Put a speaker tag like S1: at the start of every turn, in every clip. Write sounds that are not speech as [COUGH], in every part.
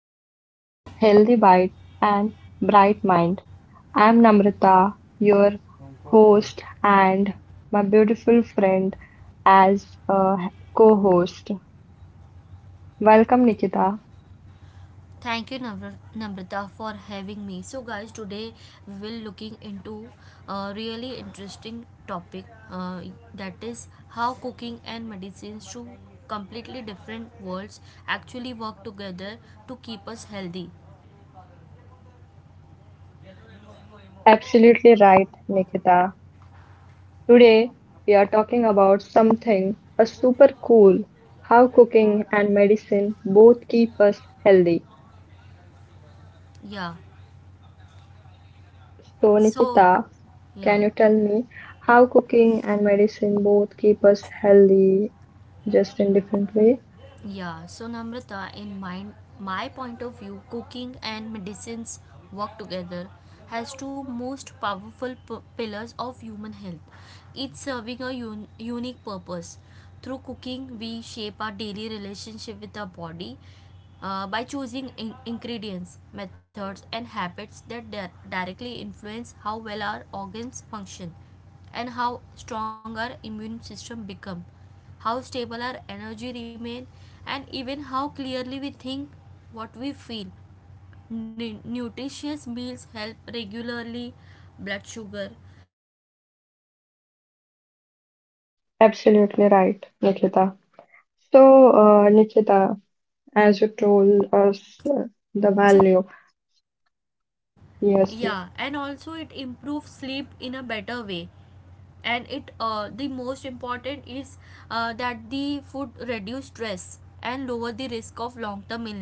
S1: back to Healthy Bite and Bright Mind. I'm Namrata, your host, and my beautiful friend as a co host. Welcome, Nikita.
S2: Thank you, Namrata, for having me. So, guys, today we will looking into a really interesting topic uh, that is how cooking and medicines, two completely different worlds, actually work together to keep us healthy.
S1: Absolutely right, Nikita. Today, we are talking about something a super cool how cooking and medicine both keep us healthy.
S2: Yeah.
S1: So,
S2: So,
S1: Nikita,
S2: yeah.
S1: can you tell me how cooking and medicine both keep us healthy, just in different way?
S2: Yeah, so Namrata, in my point of view, cooking and medicines work together as two most powerful pillars of human health, each serving a unique purpose. Through cooking, we shape our daily relationship with our body by choosing ingredients, methods, and habits that directly influence how well our organs function, and how strong our immune system become, how stable our energy remain, and even how clearly we think, what we feel. Nutritious meals help regularly blood sugar and also maintain healthy weight, and
S1: Absolutely
S2: it
S1: right,
S2: support our
S1: Nikita.
S2: heart and
S1: So,
S2: our brain also,
S1: Nikita,
S2: and
S1: as
S2: it
S1: you
S2: strengthen
S1: told
S2: our
S1: us
S2: bones,
S1: the
S2: and
S1: value,
S2: it's, yeah, and
S1: yes,
S2: also
S1: yes,
S2: it improves sleep in a better way, and it the most important is that the food reduce stress and lower the risk of long term illness,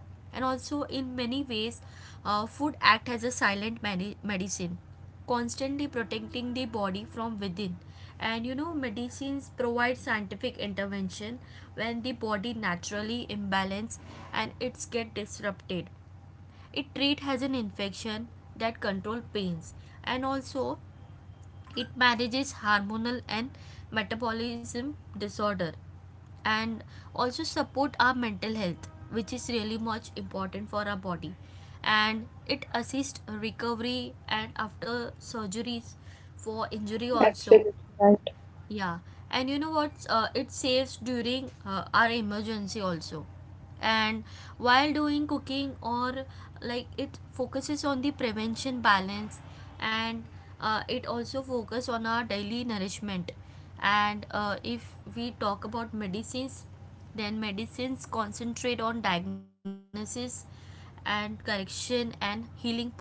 S2: and also in many ways food act as a silent medicine, constantly protecting the body from within. And you know medicines provide scientific intervention when the body naturally imbalance and it's get disrupted. It treat has an infection, that control pains, and also it manages hormonal and metabolism disorder, and also support our mental health, which is really much important for our body, and it assists recovery and after surgeries, for injury also.
S1: absolutely right.
S2: Yeah, and you know what? It saves during our emergency also. And while doing cooking, or like it focuses on the prevention balance, and it also focus on our daily nourishment. And if we talk about medicines, then medicines concentrate on diagnosis and correction and healing purpose.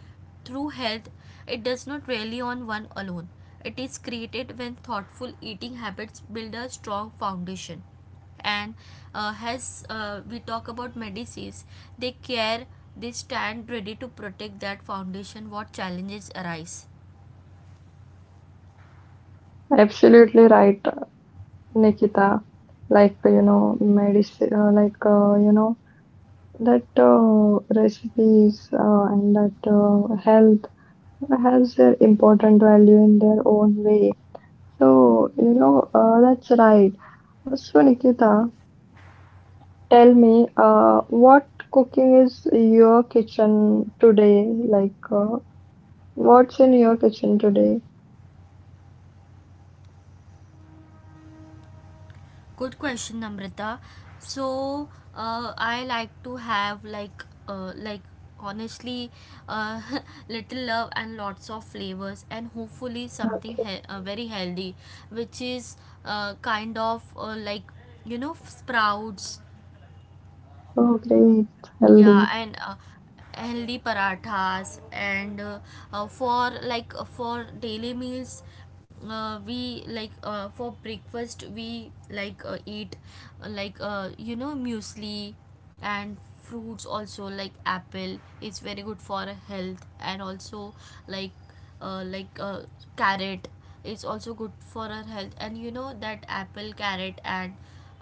S2: Through health, it does not rely on one alone. It is created when thoughtful eating habits build a strong foundation. And as we talk about medicines, they care, they stand ready to protect that foundation what challenges arise.
S1: Absolutely right, Nikita. Like, you know, medicine, like, you know, that recipes and that health has their important value in their own way. So, you know, that's right. So, Nikita, tell me, what cooking is your kitchen today? Like, what's in your kitchen today?
S2: Good question, Namrata. So, I like to have like honestly, uh, [LAUGHS] little love and lots of flavors and hopefully something
S1: Okay.
S2: very healthy, which is kind of like you know sprouts.
S1: Oh, great.
S2: Yeah,
S1: Healthy.
S2: and healthy parathas, and for like for daily meals we like for breakfast we like eat like you know muesli and fruits, also like apple is very good for health, and also like uh, like uh, carrot is also good for our health, and you know that apple, carrot and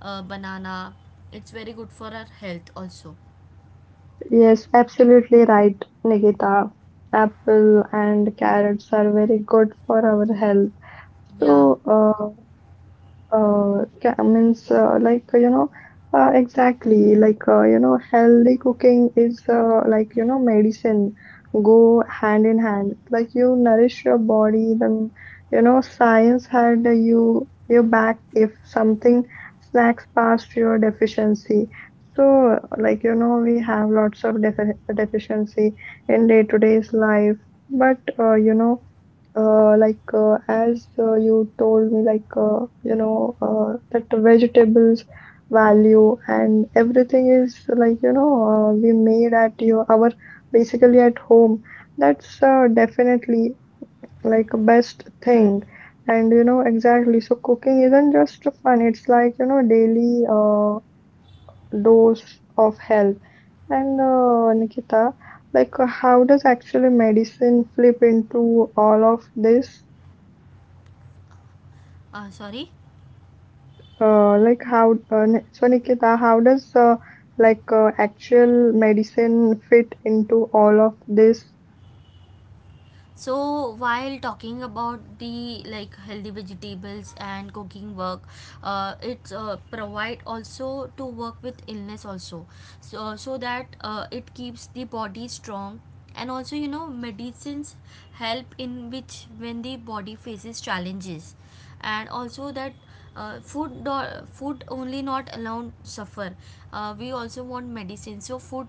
S2: banana, it's very good for our health also.
S1: Yes, absolutely right, Nikita. Apple and carrots are very good for our health.
S2: Yeah,
S1: So, means like you know exactly like you know healthy cooking is like you know medicine go hand in hand, like you nourish your body, then you know science had you your back if something snacks past your deficiency. So like you know we have lots of deficiency in day-to-day's life, but you know, like, as you told me, like you know, that the vegetables value and everything is like you know we made at your our basically at home. That's definitely like a best thing. And you know exactly, so cooking isn't just fun, it's like you know daily dose of health. And Nikita, like how does actually medicine flip into all of this?
S2: sorry.
S1: Like how So Nikita, how does like actual medicine fit into all of this?
S2: So while talking about the like healthy vegetables and cooking work, it's provide also to work with illness also, so that it keeps the body strong, and also you know medicines help in which when the body faces challenges, and also that food only not alone suffer, we also want medicine, so food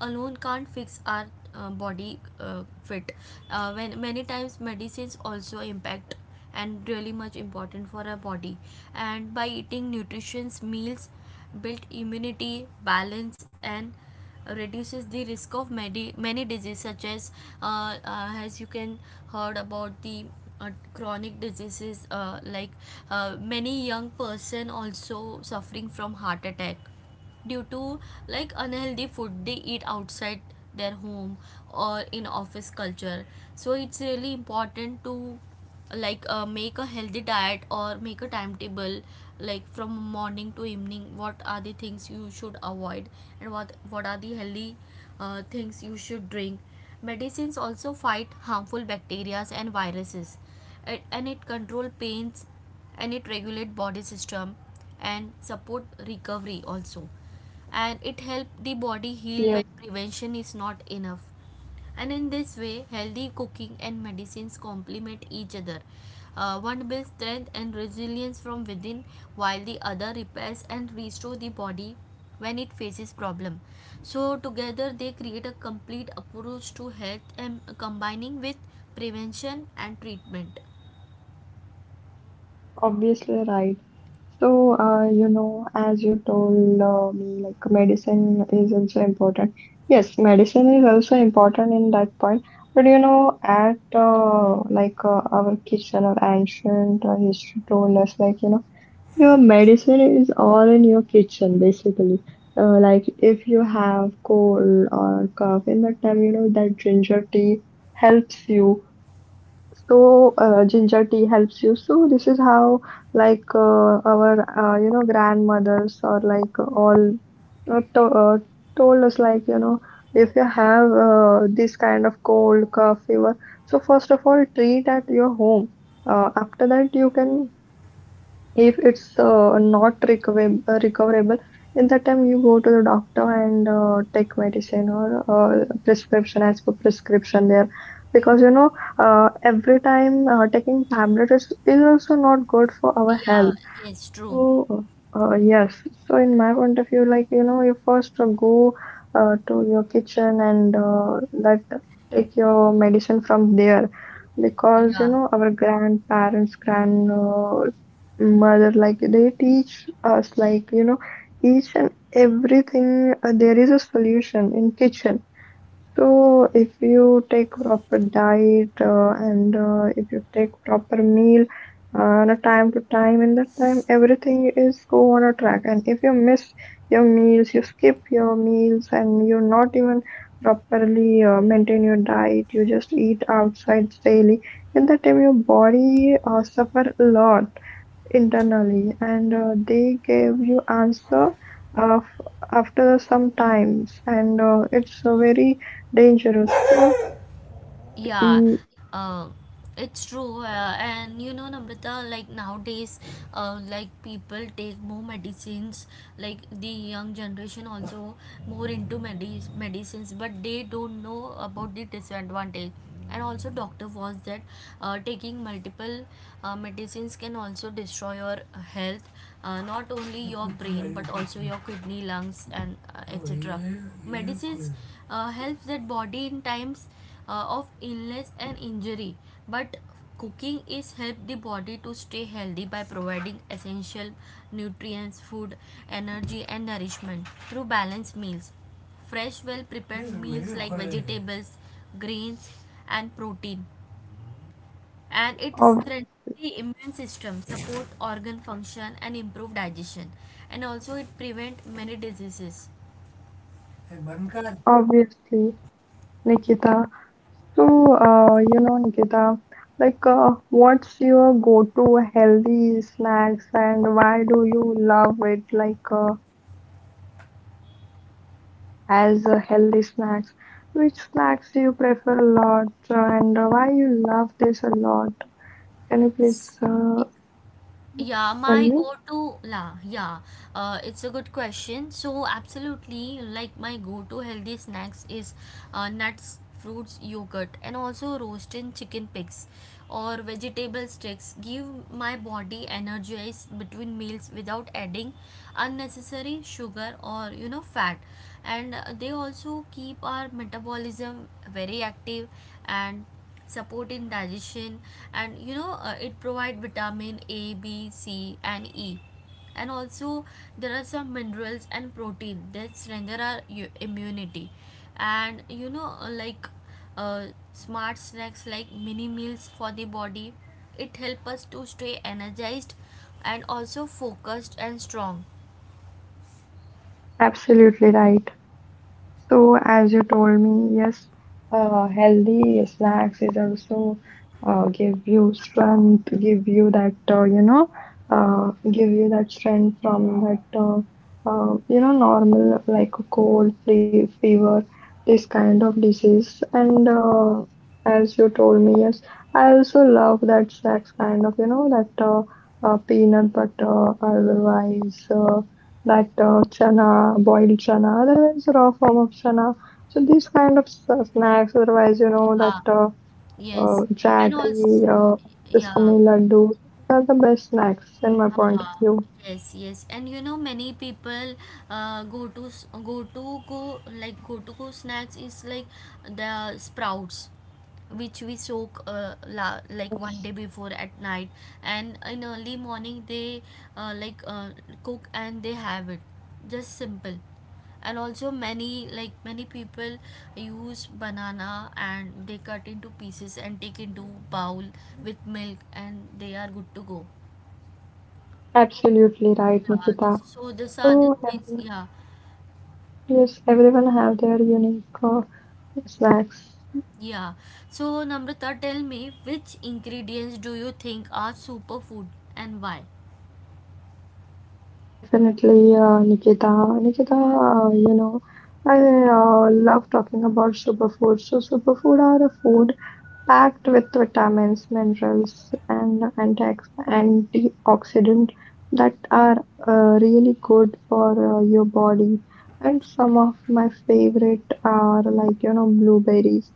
S2: alone can't fix our body fit. When many times medicines also impact and really much important for our body, and by eating nutritious meals build immunity balance and reduces the risk of many diseases, such as you can heard about the chronic diseases. Many young person also suffering from heart attack due to like unhealthy food they eat outside their home or in office culture. So it's really important to like make a healthy diet or make a timetable, like from morning to evening, what are the things you should avoid, and what are the healthy things you should drink. Medicines also fight harmful bacteria and viruses, and it control pains, and it regulate body system, and support recovery also, and it helps the body heal
S1: Yes,
S2: when prevention is not enough. And in this way, healthy cooking and medicines complement each other. One builds strength and resilience from within, while the other repairs and restores the body when it faces problem. So together they create a complete approach to health and combining with prevention and treatment.
S1: obviously right. So, you know, as you told me, like medicine is also important. Yes, medicine is also important in that point. But you know, at like our kitchen or ancient history told us, like you know your medicine is all in your kitchen, basically. Like if you have cold or cough, in that time, you know that ginger tea helps you. So ginger tea helps you. So this is how like our you know grandmothers or like all to told us, like you know, if you have this kind of cold, cough, fever. So first of all, treat at your home. After that, you can, if it's not recoverable, in that time you go to the doctor and take medicine or prescription as per prescription there, because you know every time taking tablets is also not good for our
S2: Yeah,
S1: health.
S2: yes, true.
S1: Oh, yes. So, in my point of view, like, you know, you first go to your kitchen and that take your medicine from there, because, you
S2: Yeah.
S1: know, our grandparents, grandmother, like, they teach us, like, you know, each and everything, there is a solution in kitchen. So if you take proper diet and if you take proper meal on a time to time, in that time everything is go on a track. And if you miss your meals, you skip your meals, and you not even properly maintain your diet, you just eat outside daily, in that time your body suffer a lot internally, and they gave you answer of after some times, and it's very dangerous. So
S2: Yeah,
S1: e-
S2: uh, it's true. And you know, Namrata, like nowadays, like people take more medicines, like the young generation also more into medicines, but they don't know about the disadvantage. And also, doctor warns that taking multiple medicines can also destroy your health, not only your brain but also your kidney, lungs, and etc. Medicines helps that body in times of illness and injury, but cooking is help the body to stay healthy by providing essential nutrients, food, energy and nourishment through balanced meals, fresh well prepared meals like vegetables, grains, and protein, and it
S1: ob-
S2: strengthens the immune system, support organ function and improve digestion, and also it prevent many diseases.
S1: obviously, Nikita. So you know, Nikita, like what's your go-to healthy snacks, and why do you love it? Like as a healthy snacks, which snacks do you prefer a lot, and why you love this a lot? Can you please
S2: Yeah,
S1: tell
S2: my
S1: me.
S2: go-to, la, yeah, it's a good question. So, absolutely, like my go-to healthy snacks is nuts, fruits, yogurt, and also roasted chicken pigs or vegetable sticks. Give my body energize between meals without adding unnecessary sugar or fat, and they also keep our metabolism very active and supporting digestion, and it provide vitamin a b c and e, and also there are some minerals and protein that strengthen our immunity. And uh, smart snacks like mini meals for the body, it help us to stay energized and also focused and strong.
S1: Absolutely right. So, as you told me, yes, healthy snacks is also give you strength, give you that you know, give you that strength from that you know normal like a cold, free fever, this kind of disease. And as you told me, yes, I also love that snacks kind of you know that peanut butter, otherwise. Like chana, boiled chana, otherwise raw form of chana. So these kind of snacks, otherwise you know that
S2: Yeah, yes, and also,
S1: jaggery,
S2: yeah.
S1: sesame laddu, these are the best snacks in my point of
S2: Ah,
S1: view.
S2: yes, yes, and you know many people go to s- go to go like go to go snacks is like the sprouts, which we soak like one
S1: Yes,
S2: day before at night, and in early morning they uh, like uh, cook and they have it, just simple. And also many, like many people use banana and they cut into pieces and take into bowl with milk and they are good to go.
S1: absolutely right,
S2: Yeah,
S1: Nikita.
S2: this, so this are the
S1: So
S2: things.
S1: everyone-
S2: Yeah,
S1: yes, everyone have their unique snacks.
S2: yeah. So Namrata, tell me which ingredients do you think are superfood and why?
S1: Definitely, Nikita. Nikita, you know, I love talking about superfoods. So superfood are a food packed with vitamins, minerals, and antioxidant that are really good for your body. And some of my favorite are like you know blueberries.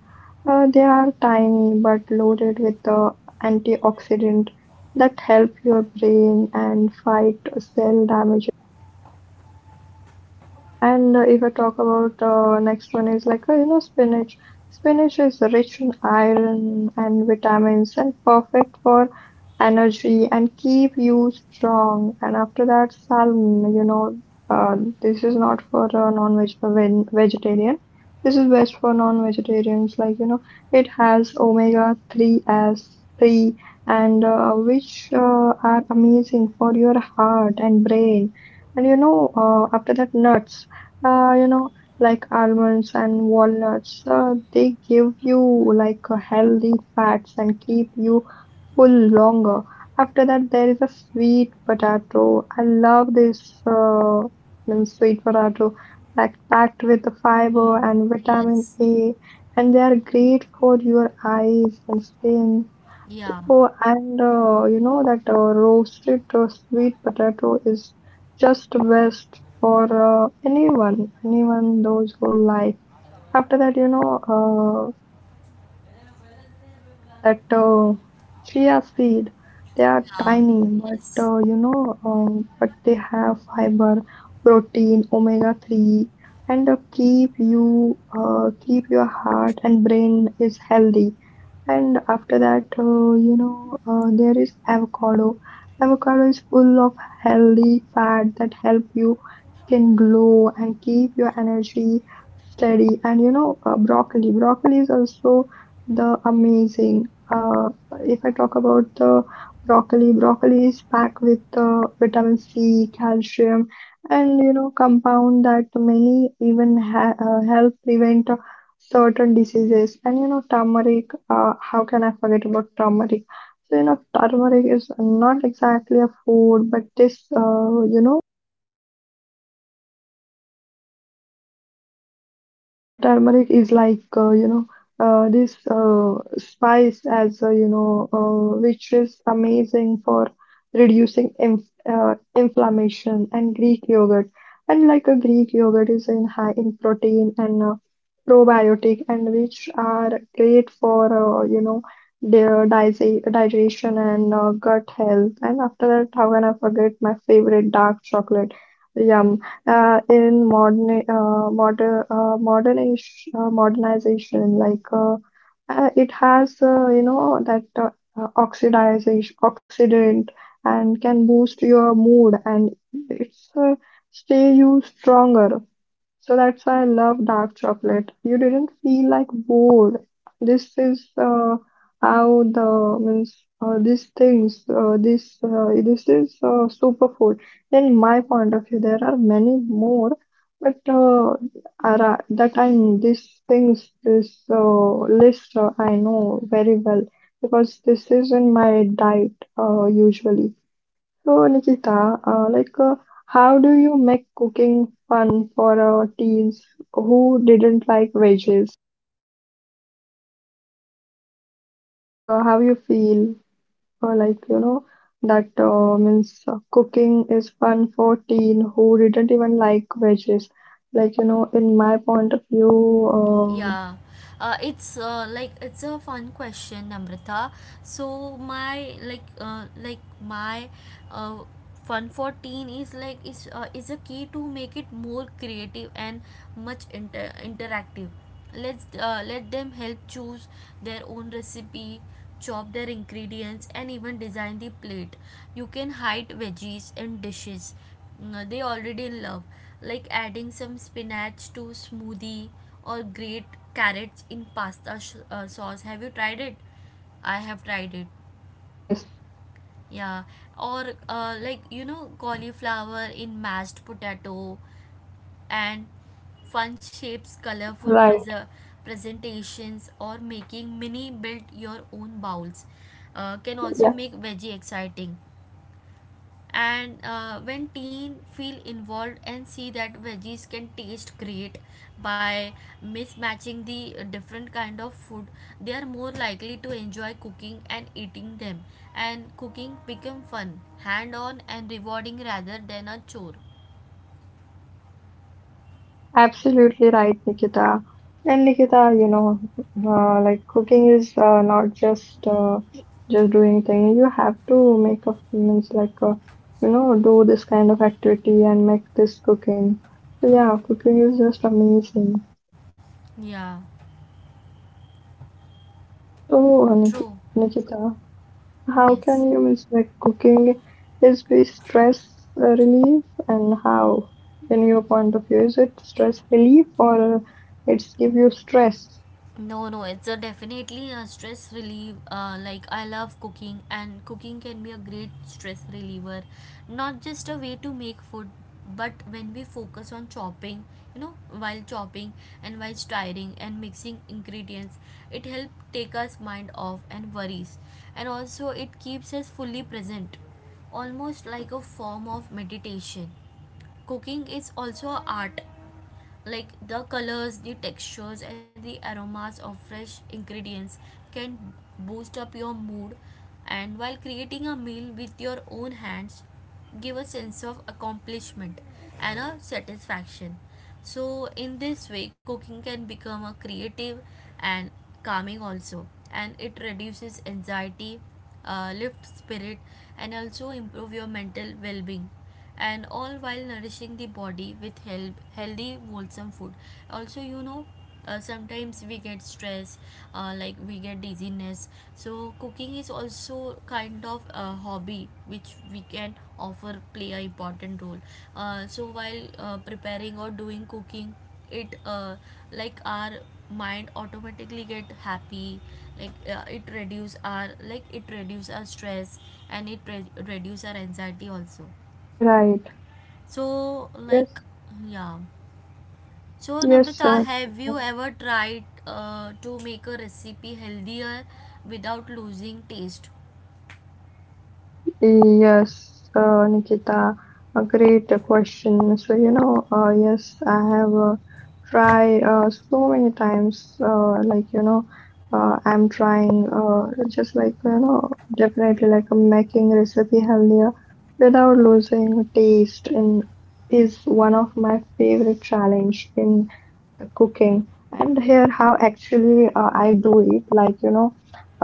S1: They are tiny but loaded with the antioxidant that help your brain and fight cell damage. And if I talk about next one, is like you know spinach. Spinach is rich in iron and vitamins and perfect for energy and keep you strong. And after that, salmon. You know, uh, this is not for vegetarian. This is best for non-vegetarians. Like you know, it has omega three as three, and which are amazing for your heart and brain. And you know, after that, nuts, you know, like almonds and walnuts, they give you like a healthy fats and keep you full longer. After that, there is a sweet potato. I love this, means sweet potato, like packed with the fiber and vitamin
S2: Yes.
S1: A, and they are great for your eyes and skin.
S2: Yeah.
S1: Oh, and you know that roasted sweet potato is just best for anyone, anyone those who like. After that, you know, uh, that chia seed, they are
S2: Yeah.
S1: tiny, but
S2: Yes.
S1: you know, uh, but they have fiber, protein, omega 3, and keep you keep your heart and brain is healthy. And after that, you know, there is avocado. Avocado is full of healthy fat that help you skin glow and keep your energy steady. And you know broccoli, broccoli is also the amazing. uh, if I talk about the broccoli, broccoli is packed with vitamin C, calcium, and you know compound that many even ha help prevent certain diseases. And you know turmeric, how can I forget about turmeric? So you know turmeric is not exactly a food, but this, you know, turmeric is like, you know, this spice, as you know, which is amazing for reducing inflammation. And Greek yogurt, and like a Greek yogurt is in high in protein and probiotic, and which are great for you know their digestion and gut health. And after that, how can I forget my favorite dark chocolate? Yum. In modern, modernization, like it has you know that oxidization oxidant and can boost your mood, and it's stay you stronger. So that's why I love dark chocolate. You didn't feel like bored. This is how the means, these things, this, this is superfood. In my point of view, there are many more, but are, that I these things, this list, I know very well, because this is in my diet usually. So, Nikita, like, how do you make cooking fun for teens who didn't like veggies? Like, how you feel, or like, you know, that, means, cooking is fun for teen who didn't even like veggies. Like, you know, in my point of view, uh,
S2: Yeah, it's like it's a fun question, Namrata. So my like my uh, fun for teen is like is a key to make it more creative and much interactive. Let's let them help choose their own recipe, chop their ingredients, and even design the plate. You can hide veggies in dishes mm, they already love, like adding some spinach to smoothie or grate carrots in pasta sauce. Have you tried it? I have tried it.
S1: yes,
S2: Yeah. Or like you know cauliflower in mashed potato, and fun shapes, colorful
S1: right,
S2: presentations, or making mini built your own bowls can also
S1: yeah.
S2: make veggie exciting. And when teen feel involved and see that veggies can taste great by mismatching the different kind of food, they are more likely to enjoy cooking and eating them, and cooking become fun hand on and rewarding rather than a chore.
S1: Absolutely right, Nikita. And Nikita, you know, like cooking is not just just doing thing. You have to make a means like, you know, do this kind of activity and make this cooking. So yeah, cooking is just amazing.
S2: Yeah,
S1: So
S2: true,
S1: Nikita, how
S2: yes.
S1: can you means like cooking is be stress relief, and how, in your point of view, is it stress relief or it's give you stress?
S2: No, no, it's a definitely a stress relief. Like I love cooking, and cooking can be a great stress reliever. Not just a way to make food, but when we focus on chopping, you know, while chopping and while stirring and mixing ingredients, it helps take us mind off and worries, and also it keeps us fully present, almost like a form of meditation. Cooking is also a art, like the colors, the textures and the aromas of fresh ingredients can boost up your mood, and while creating a meal with your own hands give a sense of accomplishment and a satisfaction. So in this way cooking can become a creative and calming also, and it reduces anxiety, lift spirit, and also improve your mental well-being, and all while nourishing the body with help, healthy wholesome food. Also you know sometimes we get stress, like we get dizziness, so cooking is also kind of a hobby which we can offer play a important role. So while preparing or doing cooking, it like our mind automatically get happy, like it reduce our stress, and it reduce our anxiety also.
S1: Right.
S2: So, like,
S1: Yes,
S2: yeah. So,
S1: yes,
S2: Namrata, have you ever tried to make a recipe healthier without losing taste?
S1: yes, Nikita, a great question. So, you know, yes, I have tried so many times, like, you know, I'm trying just like, you know, definitely like making recipe healthier without losing taste in is one of my favorite challenge in cooking. And here how actually I do it, like you know,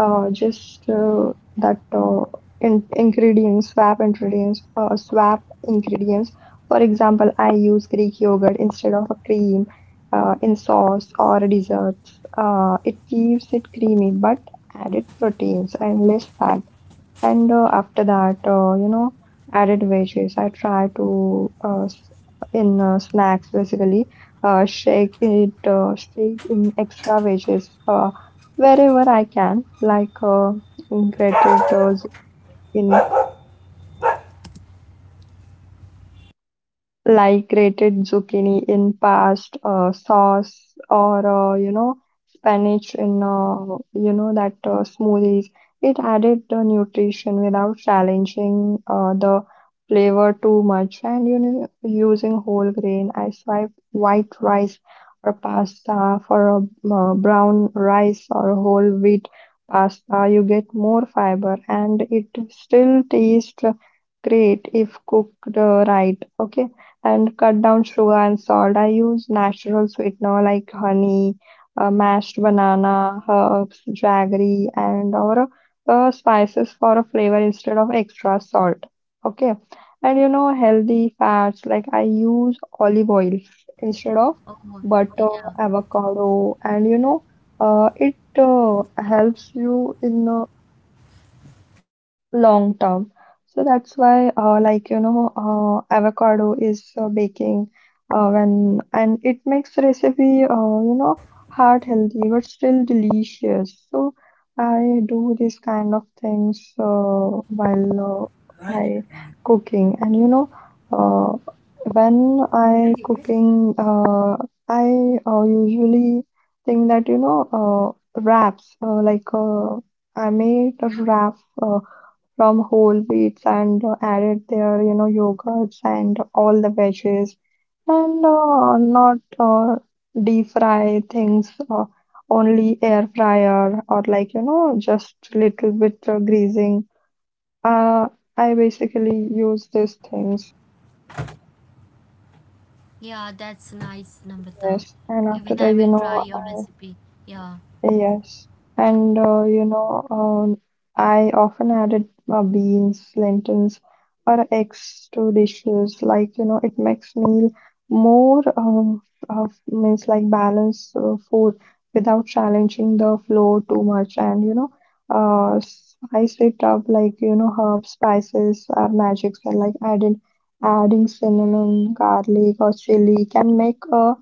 S1: just that in ingredients swap ingredients swap ingredients. For example, I use Greek yogurt instead of a cream in sauce or desserts. It keeps it creamy but added proteins and less fat. And after that, you know, added veggies. I try to in snacks basically. Uh, Shake in extra veggies wherever I can, like grated in. Like grated zucchini in past sauce or spinach in you know that smoothies. It added the nutrition without challenging the flavor too much. And using whole grain, I swipe white rice or pasta for a brown rice or whole wheat pasta. You get more fiber and it still tastes great if cooked right. Okay. And cut down sugar and salt. I use natural sweetener like honey, mashed banana, herbs, jaggery, and or spices for a flavor instead of extra salt. Okay, and you know, healthy fats, like I use olive oil instead of
S2: Oh,
S1: butter,
S2: yeah.
S1: avocado, and it helps you in long term. So that's why, avocado is baking when and it makes recipe,
S2: Sorry,
S1: you know, heart
S2: sorry,
S1: healthy but still
S2: sorry,
S1: delicious.
S2: sorry,
S1: So I do this kind of things
S2: Right, right.
S1: while I cooking, and you know, uh, when I cooking, I usually think that you know, wraps, I made a wrap. From whole wheats and added their yogurts and all the veggies, and not uh, deep fry things, only air fryer, or like just little bit greasing. uh, I basically use these things.
S2: Yeah, that's nice, Namrata.
S1: Yes, and
S2: Even
S1: after
S2: I
S1: that,
S2: will
S1: you
S2: try
S1: know,
S2: your recipe. Yeah.
S1: yes, and I often added beans, lentils, or eggs to dishes. Like, you know, it makes meal more, of means like balanced food without challenging the flow too much. And you know, spice it up, like you know, herbs, spices are magic. So like adding cinnamon, garlic, or chili can make a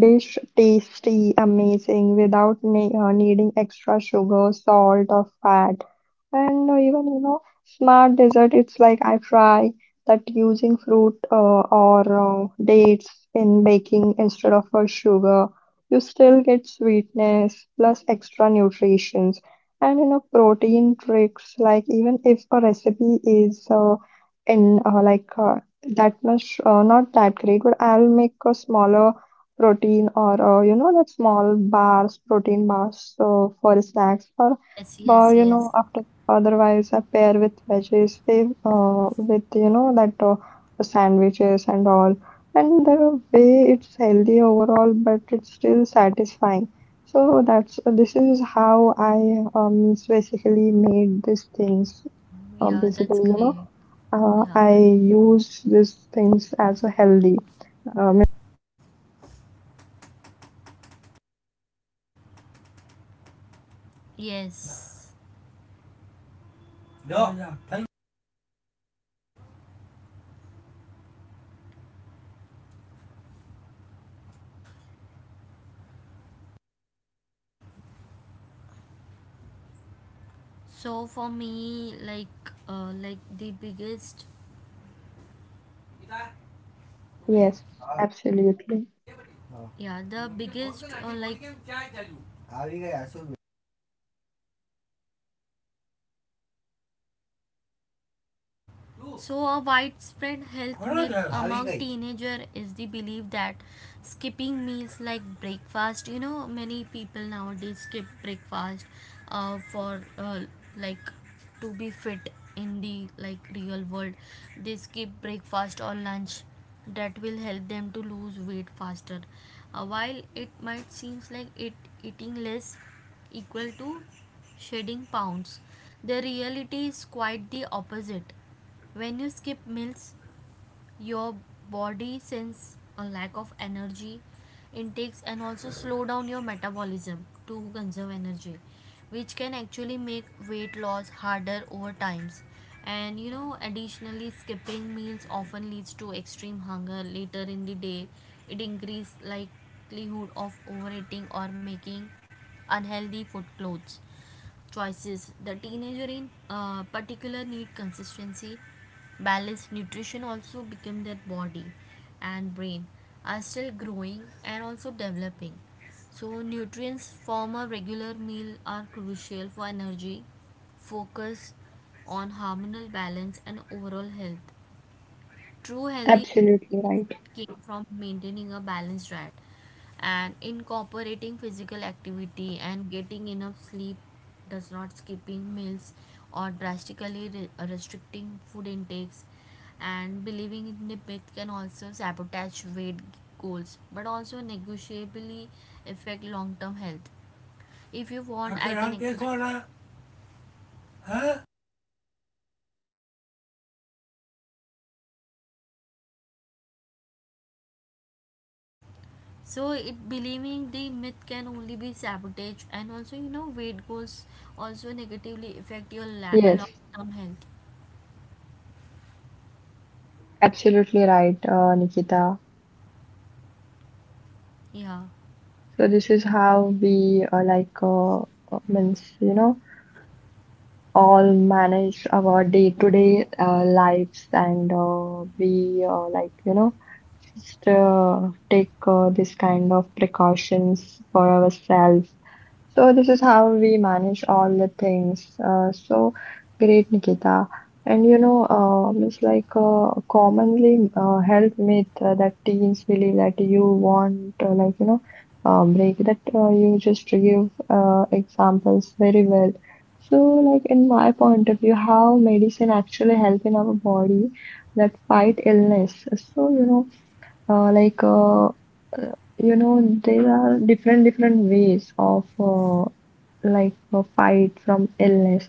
S1: dish tasty, amazing, without ne needing extra sugar, salt, or fat. And even you know, smart dessert. It's like I try that using fruit or dates in baking instead of sugar. You still get sweetness plus extra nutritions. And you know, protein tricks. Like even if a recipe is in like that much not that great, but I'll make a smaller protein, or you know that small bars, protein bars, for snacks, or
S2: Yes,
S1: or
S2: yes,
S1: you
S2: yes.
S1: know, after, otherwise I pair with veggies, they, with you know that sandwiches and all, and the way it's healthy overall, but it's still satisfying. So that's this is how I um basically made these things.
S2: Yeah,
S1: Basically,
S2: that's
S1: you
S2: great.
S1: know,
S2: Yeah.
S1: I use these things as a healthy. um,
S2: Yes. No. Yeah, yeah. So for me, like the biggest
S1: yes,
S2: तुम्हीर
S1: absolutely.
S2: नगे बती साथ जगे बती नगे यह जाजुआ जाजुआ जाजु हाविगा यहाजुआ जाजुआ. So, a widespread health myth among Hurry, teenager is the belief that skipping meals like breakfast. Many people nowadays skip breakfast for like to be fit in the real world. They skip breakfast or lunch that will help them to lose weight faster. While it might seems like it, eating less equal to shedding pounds, the reality is quite the opposite. When you skip meals, your body senses a lack of energy intakes and also slow down your metabolism to conserve energy, which can actually make weight loss harder over times. Additionally, skipping meals often leads to extreme hunger later in the day. It increases likelihood of overeating or making unhealthy food clothes choices. The teenager in particular need consistency, balanced nutrition also become their body and brain are still growing and also developing. So nutrients from a regular meal are crucial for energy, focus on hormonal balance and overall health. True healthy
S1: Absolutely right.
S2: came from maintaining a balanced diet and incorporating physical activity and getting enough sleep, does not skipping meals or drastically restricting food intakes, and believing in the myth can also sabotage weight goals but also negotiably affect long-term health. If you want I can all, guess explain what? I, huh? So it believing the myth can only be sabotage and also weight goals also negatively affect your
S1: Yes,
S2: long-term health.
S1: absolutely right, Nikita.
S2: Yeah,
S1: So this is how we means you know, all manage our day-to-day lives, and we like you know, just take this kind of precautions for ourselves. So this is how we manage all the things. So great, Nikita. And you know, it's like a commonly health myth that teens believe that you want, break that. You just give examples very well. So like in my point of view, how medicine actually help in our body that fight illness. So you know, uh, like uh, uh, you know, there are different different ways of. Like a fight from illness.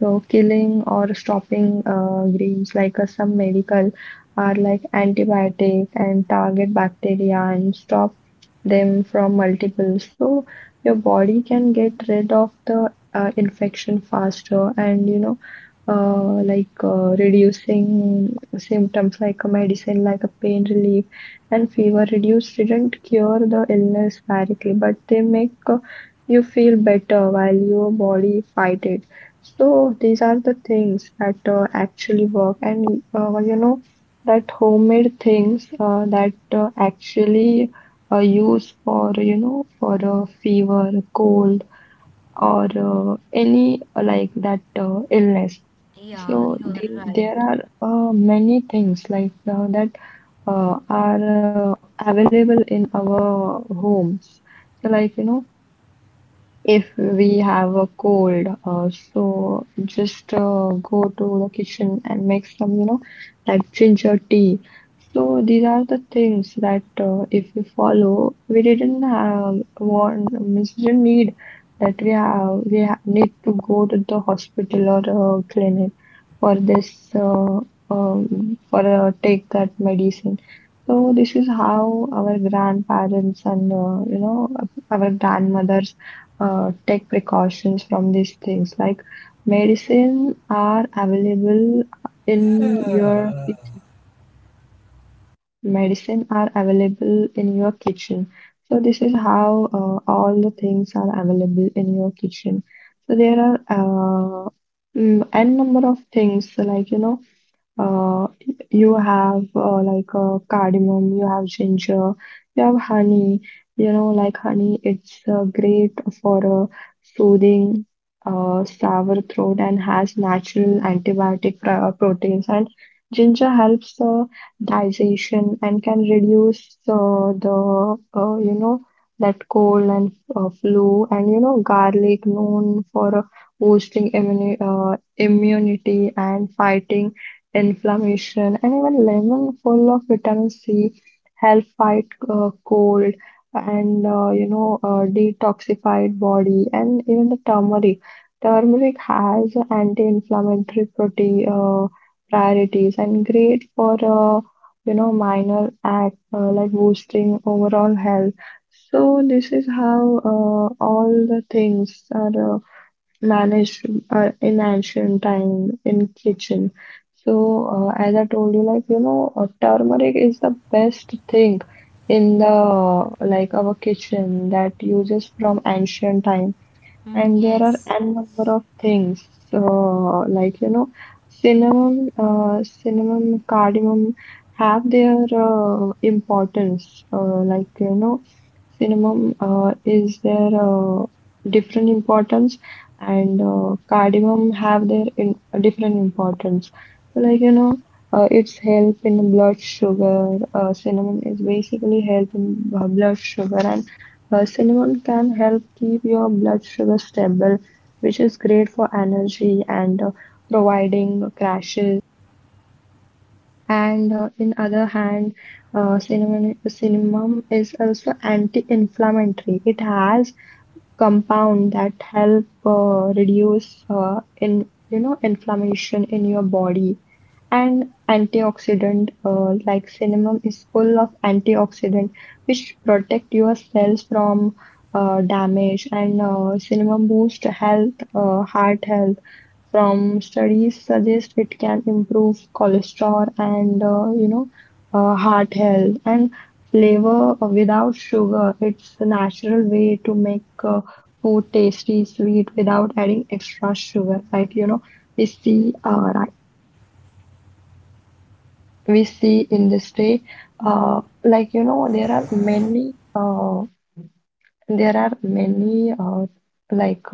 S1: So killing or stopping greens, like some medical are like antibiotic, and target bacteria and stop them from multiple. So your body can get rid of the infection faster. And you know, reducing symptoms, like a medicine, like a pain relief and fever. Reduce didn't cure the illness directly, but they make you feel better while your body fight it. So these are the things that actually work, and you know that homemade things that actually use for, you know, for a fever, cold, or any like that illness.
S2: yeah,
S1: So
S2: you are right.
S1: there are many things like that are available in our homes. So like you know, if we have a cold, so just go to the kitchen and make some, you know, like ginger tea. So these are the things that if we follow, we didn't have one, we didn't need that, we have we ha need to go to the hospital or clinic for this, for take that medicine. So this is how our grandparents and you know, our grandmothers take precautions from these things. Like, medicine are available in your kitchen. Medicine are available in your kitchen. So this is how all the things are available in your kitchen. So there are n number of things, like you know, uh, you have, cardamom, you have ginger, you have honey. You know, like honey, it's great for soothing sour throat and has natural antibiotic proteins. And ginger helps digestion and can reduce the, you know, that cold and flu. And you know, garlic known for boosting immunity and fighting inflammation, and even lemon full of vitamin C help fight cold, and detoxified body, and even the turmeric. Turmeric has anti-inflammatory property, priorities, and great for minor act like boosting overall health. So this is how all the things are managed in ancient time in kitchen. So as I told you, like you know, turmeric is the best thing in the like our kitchen that uses from ancient time.
S2: Mm,
S1: And there are
S2: yes,
S1: n number of things like you know, cinnamon, cardamom have their importance. Like you know, cinnamon is their different importance, and cardamom have their different importance. So like you know, it's help in blood sugar. Cinnamon is basically help in blood sugar, and cinnamon can help keep your blood sugar stable, which is great for energy and providing crashes. And in other hand, cinnamon is also anti-inflammatory. It has compound that help reduce in you know, inflammation in your body, and antioxidant, like cinnamon is full of antioxidant, which protect your cells from damage. And cinnamon boost health heart health, from studies suggest it can improve cholesterol and heart health, and flavor without sugar. It's a natural way to make food tasty, sweet without adding extra sugar. Like, you know, we see uh, right, we see in this day, there are many, there are many uh, like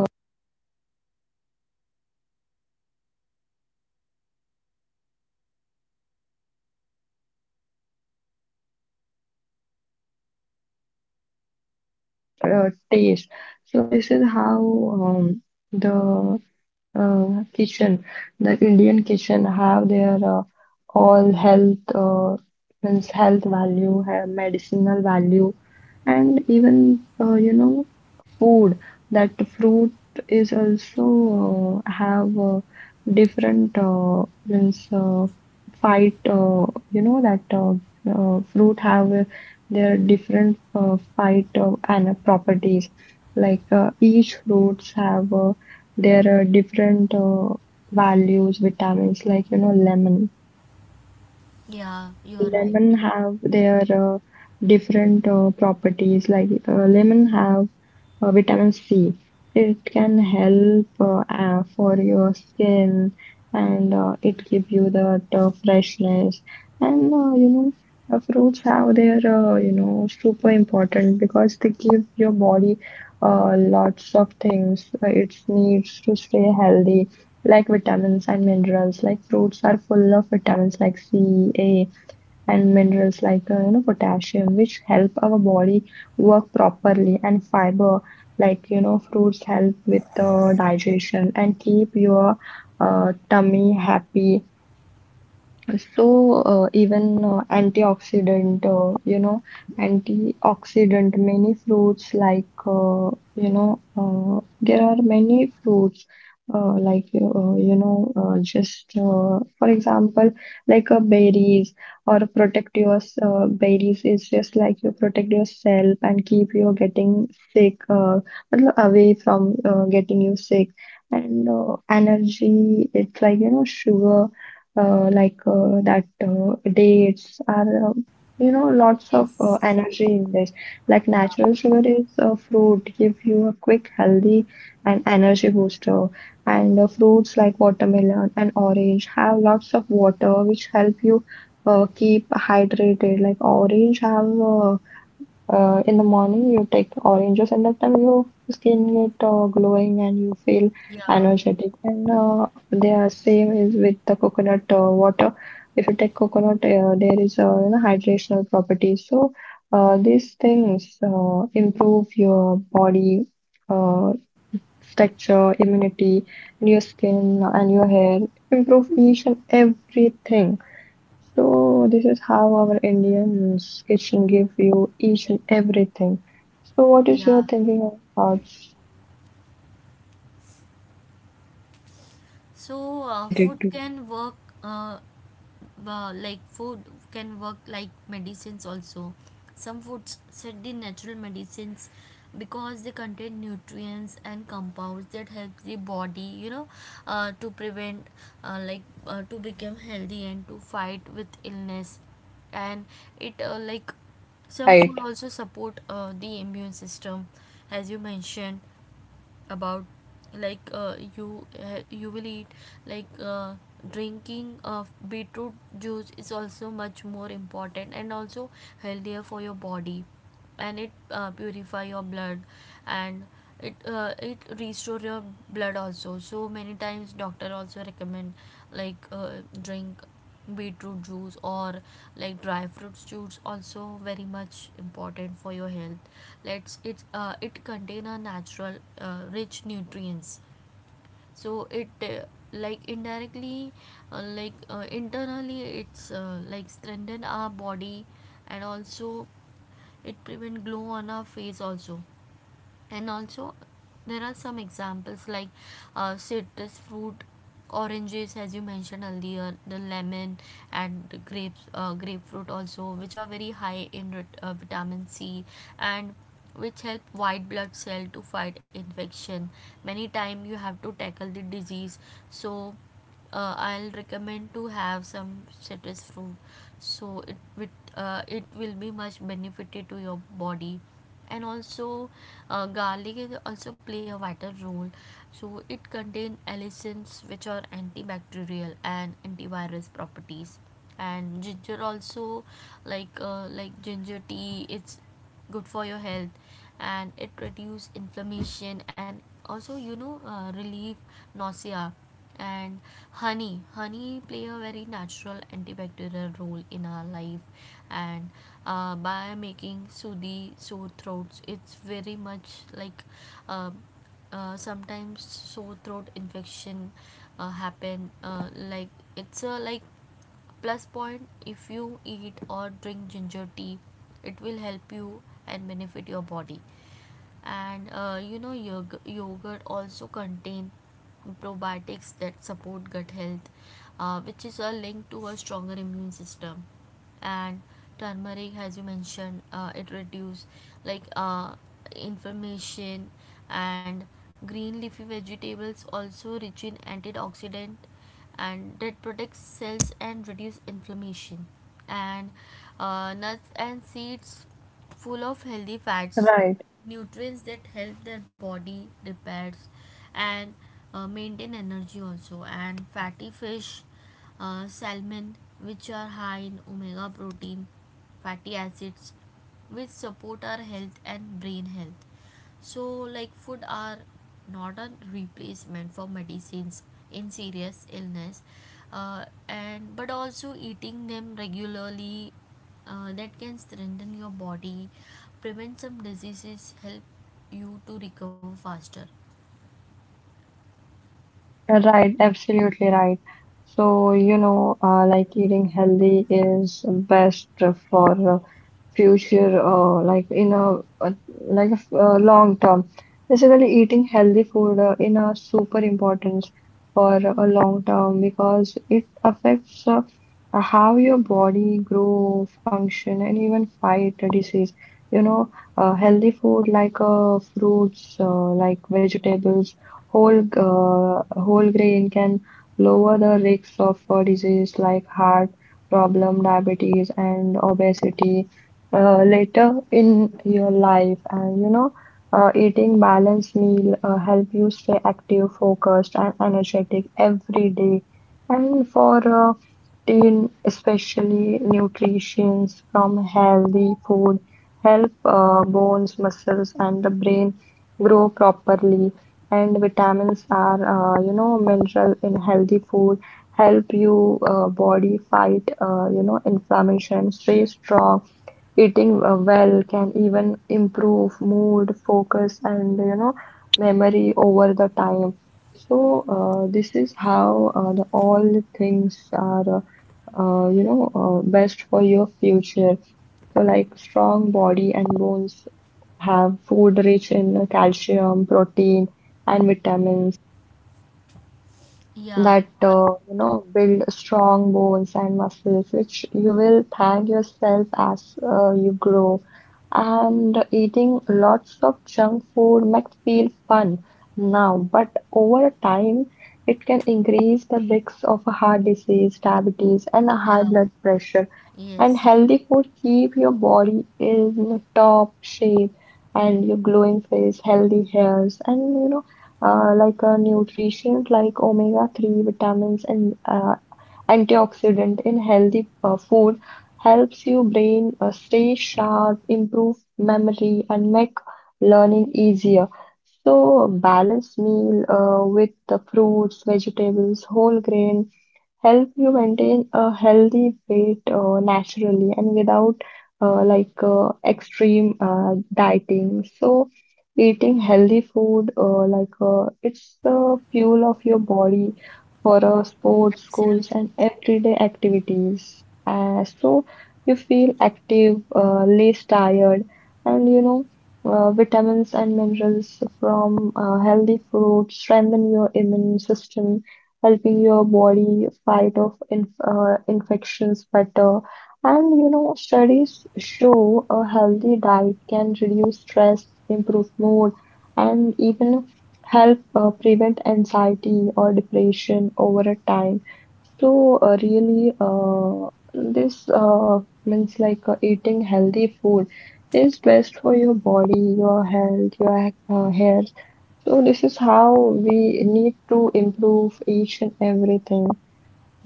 S1: tastes. So this is how, the uh, kitchen, Indian kitchen have their all health, means health value, have medicinal value, and even food that fruit is also have different, means fight, you know that fruit have their different fight and properties, like each fruits have, there are different values, vitamins, like you know, lemon.
S2: yeah, you are right.
S1: Lemon have their different properties, like lemon have vitamin C. It can help, for your skin, and it give you that freshness. And you know, fruits have their, you know, super important, because they give your body lots of things it needs to stay healthy, like vitamins and minerals. Like fruits are full of vitamins like C, A, and minerals like you know, potassium, which help our body work properly, and fiber, like you know, fruits help with the digestion and keep your tummy happy. So, even you know, antioxidant, many fruits like, you know, there are many fruits like, you know, just for example, like berries or protect your, berries is just like, you protect yourself and keep you getting sick, matlab, away from getting you sick. And energy, it's like, you know, sugar, like that dates are, lots of
S2: Yes,
S1: energy in this, like
S2: yeah,
S1: natural sugar is a fruit, give you a quick healthy and energy booster. And the fruits like watermelon and orange have lots of water, which help you keep hydrated. Like orange have, in the morning, you take oranges, and that time your skin get glowing and you feel
S2: yeah,
S1: energetic. And they are same is with the coconut water. If you take coconut, there is a, you know, hydrational property. So these things improve your body uh, texture, immunity, and your skin and your hair. Improve each and everything. So this is how our Indian's kitchen give you each and everything. So what is
S2: yeah.
S1: your thinking or thoughts
S2: So food
S1: related to
S2: can work uh, food can work like medicines also. Some foods said the natural medicines because they contain nutrients and compounds that help the body, to prevent uh, like to become healthy and to fight with illness. And it some food
S1: right,
S2: also support the immune system, as you mentioned about you will eat, like uh, drinking of beetroot juice is also much more important and also healthier for your body. And it purify your blood, and it restore your blood also. So many times doctor also recommend like uh, drink beetroot juice or like dry fruits juice also very much important for your health. Let's it it contain a natural rich nutrients. So it indirectly, internally it's strengthen our body, and also it prevent glow on our face also. And also there are some examples like citrus fruit, oranges as you mentioned earlier, the lemon, and the grapes, grapefruit also, which are very high in vitamin C, and which help white blood cell to fight infection. Many time you have to tackle the disease. So I'll recommend to have some citrus fruit, so it with, it will be much benefited to your body. And also, garlic also play a vital role. So it contains allicins, which are antibacterial and antivirus properties. And ginger also, like ginger tea, it's good for your health. And it reduce inflammation and also relieve nausea. And honey play a very natural antibacterial role in our life. And by making soothing sore throats, it's very much uh, sometimes sore throat infection happen, it's a like plus point if you eat or drink ginger tea, it will help you and benefit your body. And yogurt also contain probiotics that support gut health, which is a link to a stronger immune system. And turmeric, as you mentioned, it reduces like uh, inflammation. And green leafy vegetables also rich in antioxidant, and that protects cells and reduce inflammation. And nuts and seeds, full of healthy fats,
S1: right,
S2: nutrients that help their body repairs and maintain energy also. And fatty fish, salmon, which are high in omega protein, fatty acids, which support our health and brain health. So, like, food are not a replacement for medicines in serious illness, and but also eating them regularly that can strengthen your body, prevent some diseases, help you to recover faster.
S1: right, absolutely right. So you know, like eating healthy is best for future like in a uh, like a long term basically eating healthy food in a super important for a long term because it affects how your body grow function and even fight a disease you know healthy food like fruits like vegetables whole grain can lower the risks of disease like heart problem diabetes and obesity later in your life and you know eating balanced meal help you stay active focused and energetic every day and for teen especially nutrition from healthy food help bones muscles and the brain grow properly. And vitamins are you know mineral in healthy food help you body fight you know inflammation stay strong. Eating well can even improve mood, focus, and you know memory over the time. So this is how the all things are you know best for your future. So like strong body and bones have food rich in calcium, protein, and vitamins
S2: Yeah, you
S1: that
S2: are,
S1: you know build strong bones and muscles, which you will thank yourself as you grow. And eating lots of junk food might feel fun now, but over time it can increase the risks of a heart disease, diabetes, and a high
S2: yeah,
S1: blood pressure. And
S2: yes,
S1: healthy food keep your body in top shape and your glowing face, healthy hairs, and you know like a nutrition like omega-3 vitamins and antioxidant in healthy food helps your brain stay sharp, improve memory, and make learning easier. So, a balanced meal with the fruits, vegetables, whole grains help you maintain a healthy weight naturally and without extreme dieting. So eating healthy food it's the fuel of your body for sports, schools,
S2: absolutely.
S1: and everyday activities. So you feel active, less tired, and you know. Vitamins and minerals from healthy fruits strengthen your immune system helping your body fight off infections better. And you know, studies show a healthy diet can reduce stress, improve mood, and even help prevent anxiety or depression over a time. So really, this means like eating healthy food is best for your body, your health, your hair, so this is how we need to improve each and everything.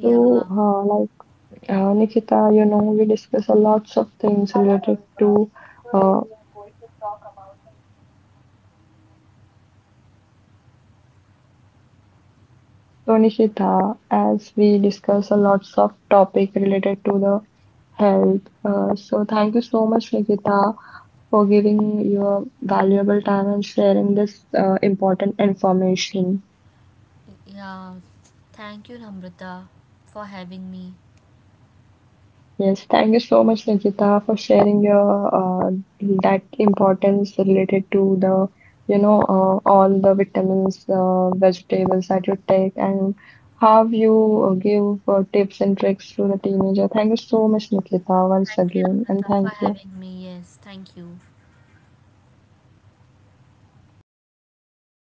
S1: So, uh, like Nikita, you know, we discuss a lots of things related to. Uh, so Nikita, as we discuss a lots of topic related to the health. So thank you so much, Nikita, for giving your valuable time and sharing this important information.
S2: Yeah, thank you, Namrata, for having me.
S1: Yes, thank you so much, Nikita, for sharing your uh, that importance related to the, you know, all the vitamins, vegetables that you take, and how you give tips and tricks to the teenager. Thank you so much, Nikita, once
S2: Thank you,
S1: again, and
S2: Namrata, for
S1: thank you.
S2: having me. Yes, thank you.